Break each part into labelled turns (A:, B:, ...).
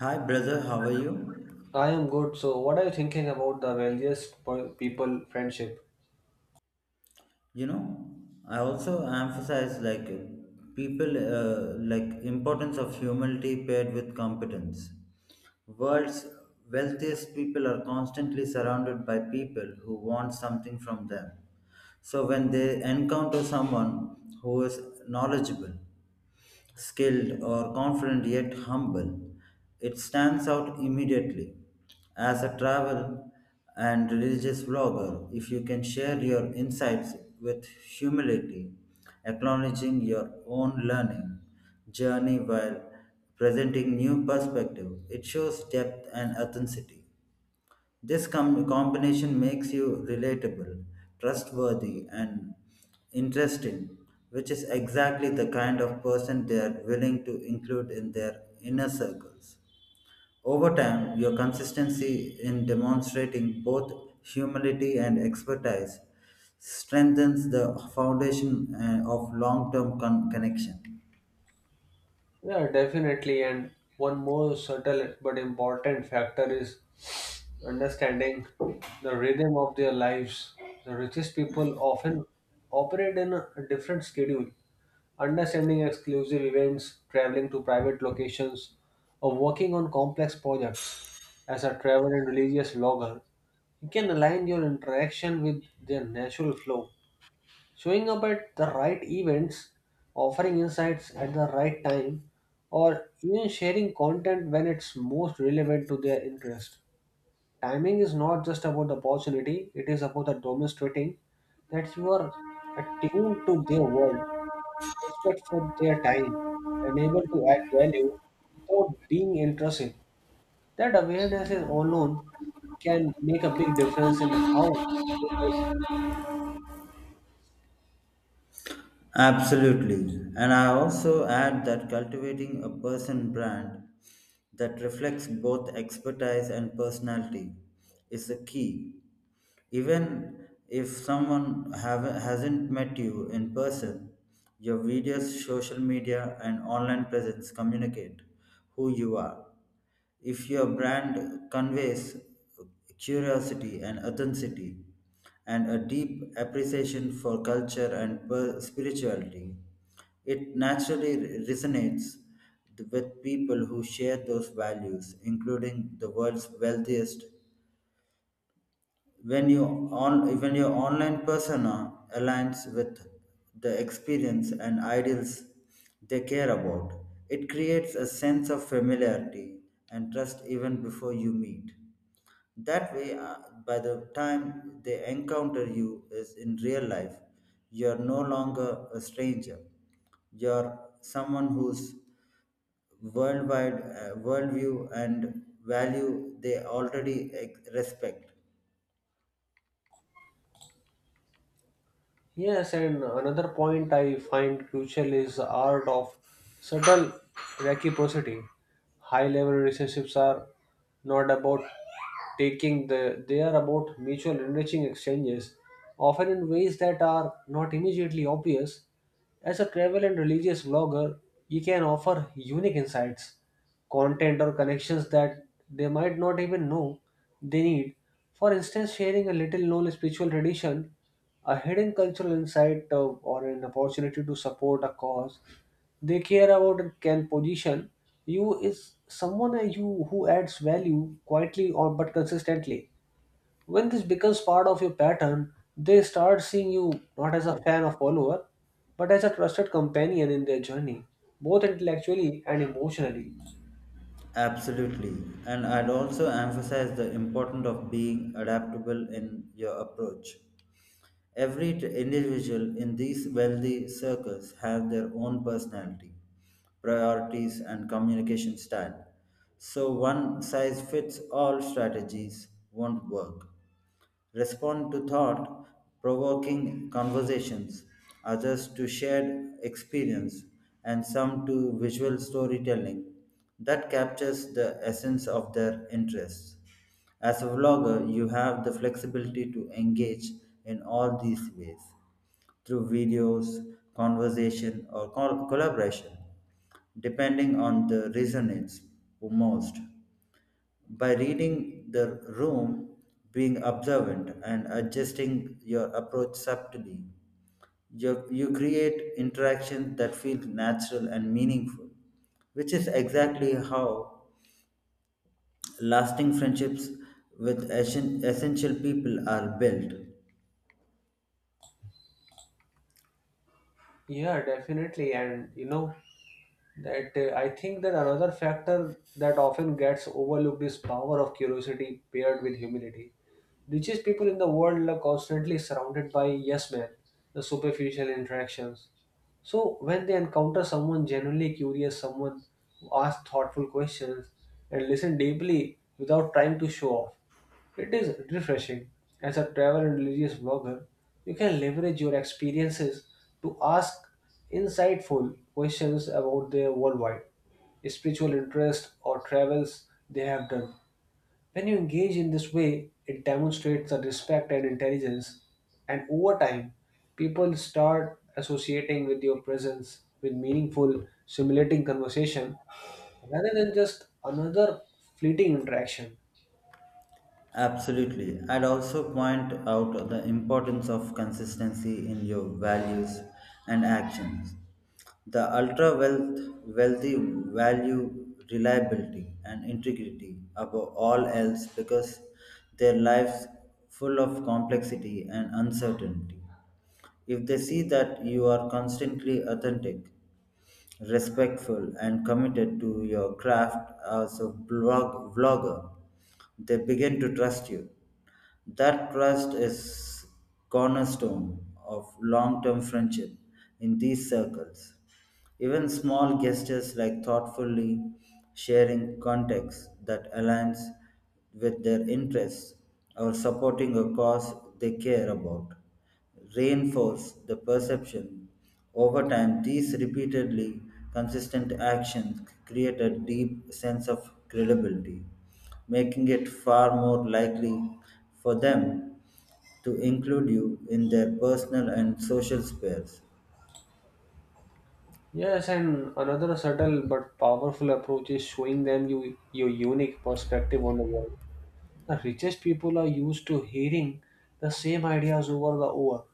A: Hi, brother, how are you?
B: I am good. So, what are you thinking about the wealthiest people friendship?
A: You know, I also emphasize like people like importance of humility paired with competence. World's wealthiest people are constantly surrounded by people who want something from them. So when they encounter someone who is knowledgeable, skilled or confident yet humble, it stands out immediately. As a travel and religious vlogger, if you can share your insights with humility, acknowledging your own learning journey while presenting new perspective, it shows depth and authenticity. This combination makes you relatable, trustworthy, and interesting, which is exactly the kind of person they are willing to include in their inner circles. Over time, your consistency in demonstrating both humility and expertise strengthens the foundation of long term connection.
B: Yeah, definitely. And one more subtle but important factor is understanding the rhythm of their lives. The richest people often operate in a different schedule. Understanding exclusive events, traveling to private locations, or working on complex projects as a travel and religious vlogger, you can align your interaction with their natural flow. Showing up at the right events, offering insights at the right time, or even sharing content when it's most relevant to their interest. Timing is not just about the opportunity, it is about the demonstrating that you are attuned to their world, respectful of their time, and able to add value without being intrusive. That awareness is alone can make a big difference in how the…
A: Absolutely. And I also add that cultivating a person brand that reflects both expertise and personality is the key. Even if someone hasn't met you in person, your videos, social media, and online presence communicate who you are. If your brand conveys curiosity and authenticity and a deep appreciation for culture and spirituality, it naturally resonates with people who share those values, including the world's wealthiest when you on when your online persona aligns with the experience and ideals they care about, it creates a sense of familiarity and trust even before you meet. That way, by the time they encounter you is in real life, you are no longer a stranger. You're someone whose worldwide worldview and value they already respect.
B: Yes, and another point I find crucial is the art of subtle reciprocity. High level relationships are not about taking, the they are about mutual enriching exchanges, often in ways that are not immediately obvious. As a travel and religious blogger, you can offer unique insights, content or connections that they might not even know they need. For instance, sharing a little known spiritual tradition, a hidden cultural insight, or an opportunity to support a cause they care about, and can position you is someone, you who adds value quietly or but consistently. When this becomes part of your pattern, they start seeing you not as a fan or follower, but as a trusted companion in their journey, both intellectually and emotionally.
A: Absolutely. And I'd also emphasize the importance of being adaptable in your approach. Every individual in these wealthy circles have their own personality, priorities and communication style. So one size fits all strategies won't work. Respond to thought provoking conversations, others to shared experience, and some to visual storytelling that captures the essence of their interests. As a vlogger, you have the flexibility to engage in all these ways through videos, conversation, or collaboration, depending on the resonance most. By reading the room, being observant, and adjusting your approach subtly, you create interactions that feel natural and meaningful, which is exactly how lasting friendships with essential people are built.
B: Yeah, definitely. And you know that, I think that another factor that often gets overlooked is power of curiosity paired with humility. Richest people in the world are constantly surrounded by yes men, the superficial interactions. So when they encounter someone genuinely curious, someone who asks thoughtful questions and listen deeply without trying to show off, it is refreshing. As a travel and religious blogger, you can leverage your experiences to ask insightful questions about their worldwide, spiritual interest, or travels they have done. When you engage in this way, it demonstrates a respect and intelligence, and over time, people start associating with your presence with meaningful, stimulating conversation rather than just another fleeting interaction.
A: Absolutely. I'd also point out the importance of consistency in your values and actions. The wealthy value reliability and integrity above all else because their lives full of complexity and uncertainty. If they see that you are constantly authentic, respectful, and committed to your craft as a blog, vlogger, they begin to trust you. That trust is cornerstone of long-term friendship in these circles. Even small gestures like thoughtfully sharing context that aligns with their interests or supporting a cause they care about reinforce the perception. Over time, these repeatedly consistent actions create a deep sense of credibility, making it far more likely for them to include you in their personal and social spheres.
B: Yes, and another subtle but powerful approach is showing them you, your unique perspective on the world. The richest people are used to hearing the same ideas over the over.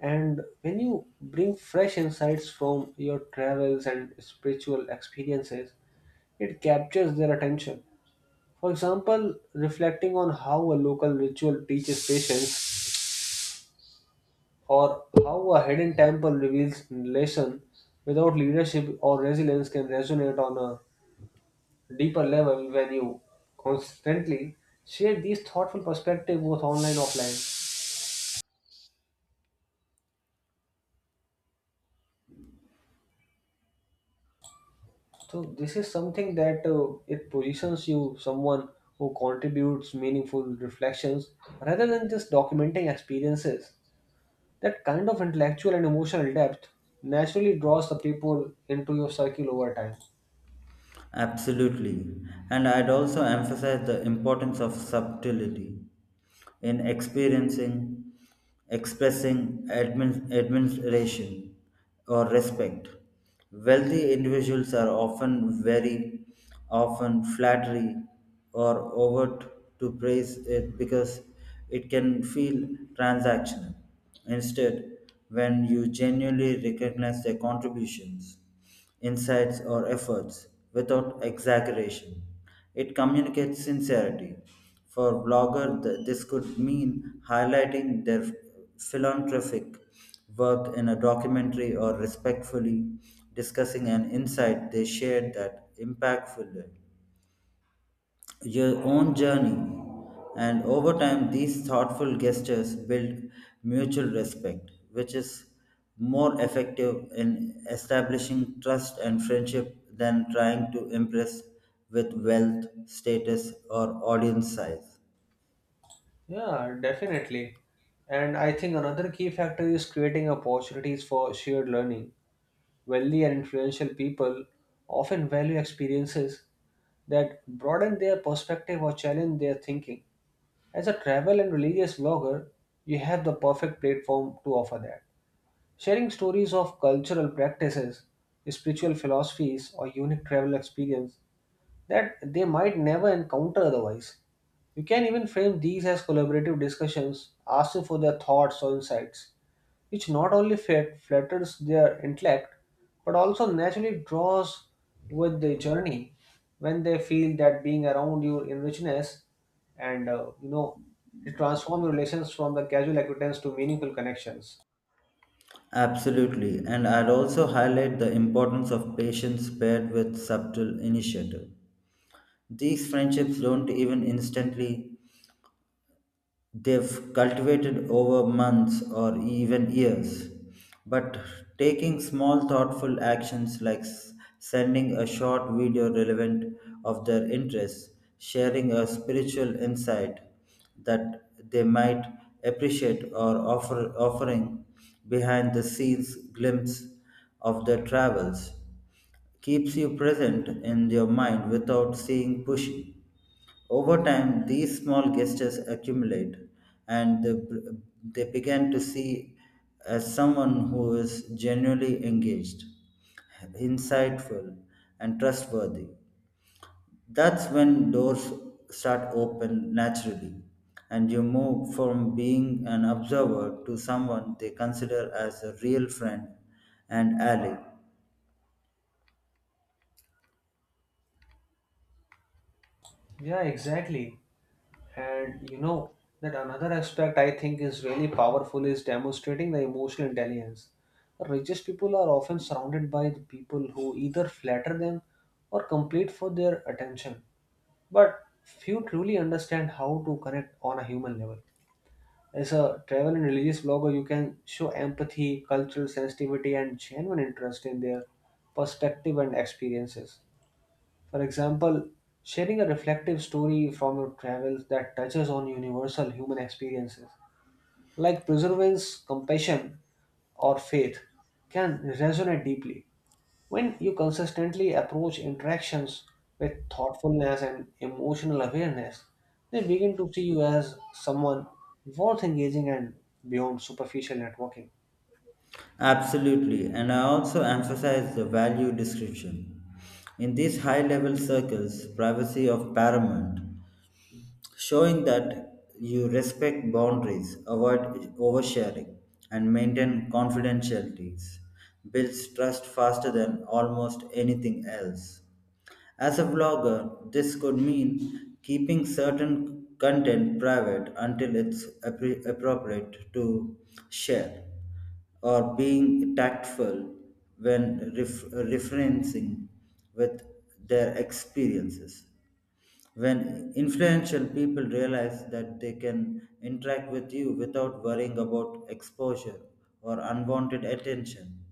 B: And when you bring fresh insights from your travels and spiritual experiences, it captures their attention. For example, reflecting on how a local ritual teaches patience, or how a hidden temple reveals lesson without leadership or resilience, can resonate on a deeper level. When you constantly share these thoughtful perspective both online offline, so this is something that, it positions you someone who contributes meaningful reflections rather than just documenting experiences. That kind of intellectual and emotional depth naturally draws the people into your circle over time.
A: Absolutely. And I'd also emphasize the importance of subtlety in experiencing, expressing administration or respect. Wealthy individuals are often very often flattery or overt to praise it because it can feel transactional. Instead, when you genuinely recognize their contributions, insights, or efforts without exaggeration, it communicates sincerity. For bloggers, this could mean highlighting their philanthropic work in a documentary or respectfully discussing an insight they shared that impactful your own journey. And over time, these thoughtful gestures build mutual respect, which is more effective in establishing trust and friendship than trying to impress with wealth, status, or audience size.
B: Yeah, definitely. And I think another key factor is creating opportunities for shared learning. Wealthy and influential people often value experiences that broaden their perspective or challenge their thinking. As a travel and religious blogger, you have the perfect platform to offer that. Sharing stories of cultural practices, spiritual philosophies, or unique travel experience that they might never encounter otherwise. You can even frame these as collaborative discussions, asking for their thoughts or insights, which not only flatters their intellect but also naturally draws with the journey. When they feel that being around you in richness and, you know, it transforms relations from the casual acquaintance to meaningful connections.
A: Absolutely, and I'd also highlight the importance of patience paired with subtle initiative. These friendships don't even instantly, they've cultivated over months or even years. But taking small, thoughtful actions like sending a short video relevant of their interests, sharing a spiritual insight that they might appreciate, or offering behind the scenes glimpse of their travels keeps you present in your mind without seeing pushy. Over time, these small gestures accumulate and they begin to see as someone who is genuinely engaged, insightful, and trustworthy. That's when doors start open naturally and you move from being an observer to someone they consider as a real friend and ally.
B: Yeah, exactly. And you know that another aspect I think is really powerful is demonstrating the emotional intelligence. The richest people are often surrounded by the people who either flatter them or compete for their attention, but few truly understand how to connect on a human level. As a travel and religious blogger, you can show empathy, cultural sensitivity, and genuine interest in their perspective and experiences. For example, sharing a reflective story from your travels that touches on universal human experiences, like perseverance, compassion, or faith, can resonate deeply. When you consistently approach interactions with thoughtfulness and emotional awareness, they begin to see you as someone worth engaging and beyond superficial networking.
A: Absolutely, and I also emphasize the value description. In these high level circles, privacy of paramount, showing that you respect boundaries, avoid oversharing, and maintain confidentialities builds trust faster than almost anything else. As a vlogger, this could mean keeping certain content private until it's appropriate to share, or being tactful when referencing with their experiences. When influential people realize that they can interact with you without worrying about exposure or unwanted attention,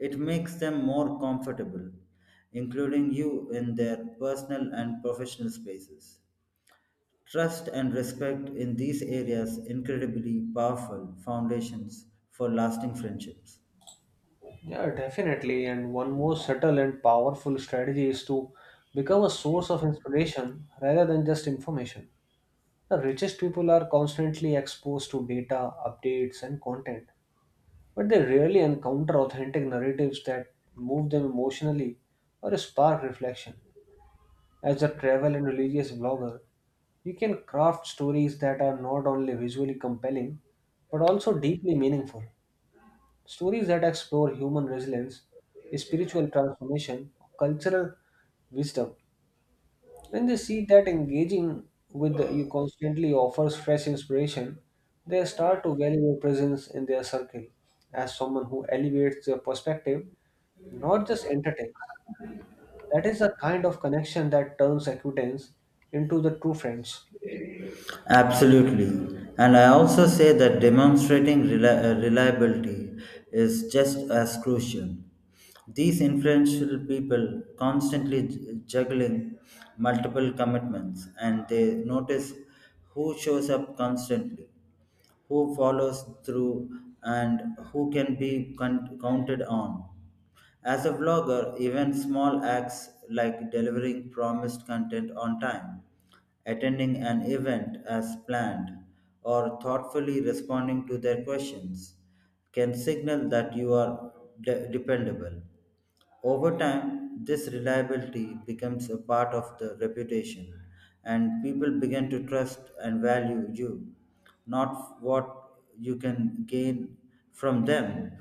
A: it makes them more comfortable, including you in their personal and professional spaces. Trust and respect in these areas incredibly powerful foundations for lasting friendships.
B: Yeah, definitely. And one more subtle and powerful strategy is to become a source of inspiration rather than just information. The richest people are constantly exposed to data, updates, and content, but they rarely encounter authentic narratives that move them emotionally or spark reflection. As a travel and religious blogger, you can craft stories that are not only visually compelling but also deeply meaningful. Stories that explore human resilience, spiritual transformation, cultural wisdom. When they see that engaging with you constantly offers fresh inspiration, they start to value your presence in their circle as someone who elevates their perspective, not just entertains. That is the kind of connection that turns acquaintance into the true friends.
A: Absolutely. And I also say that demonstrating reliability is just as crucial. These influential people constantly juggling multiple commitments and they notice who shows up constantly, who follows through, and who can be counted on. As a vlogger, even small acts like delivering promised content on time, attending an event as planned, or thoughtfully responding to their questions can signal that you are dependable. Over time, this reliability becomes a part of the reputation, and people begin to trust and value you, not what you can gain from them,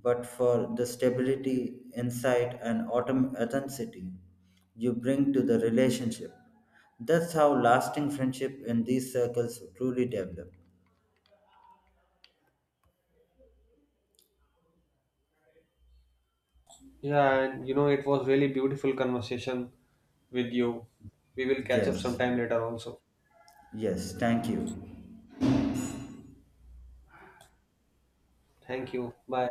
A: but for the stability, insight, and authenticity you bring to the relationship. That's how lasting friendship in these circles truly develop.
B: Yeah, and you know, it was really beautiful conversation with you. We will catch up
A: Yes,
B: sometime later also.
A: yes, thank you.
B: Thank you. Bye.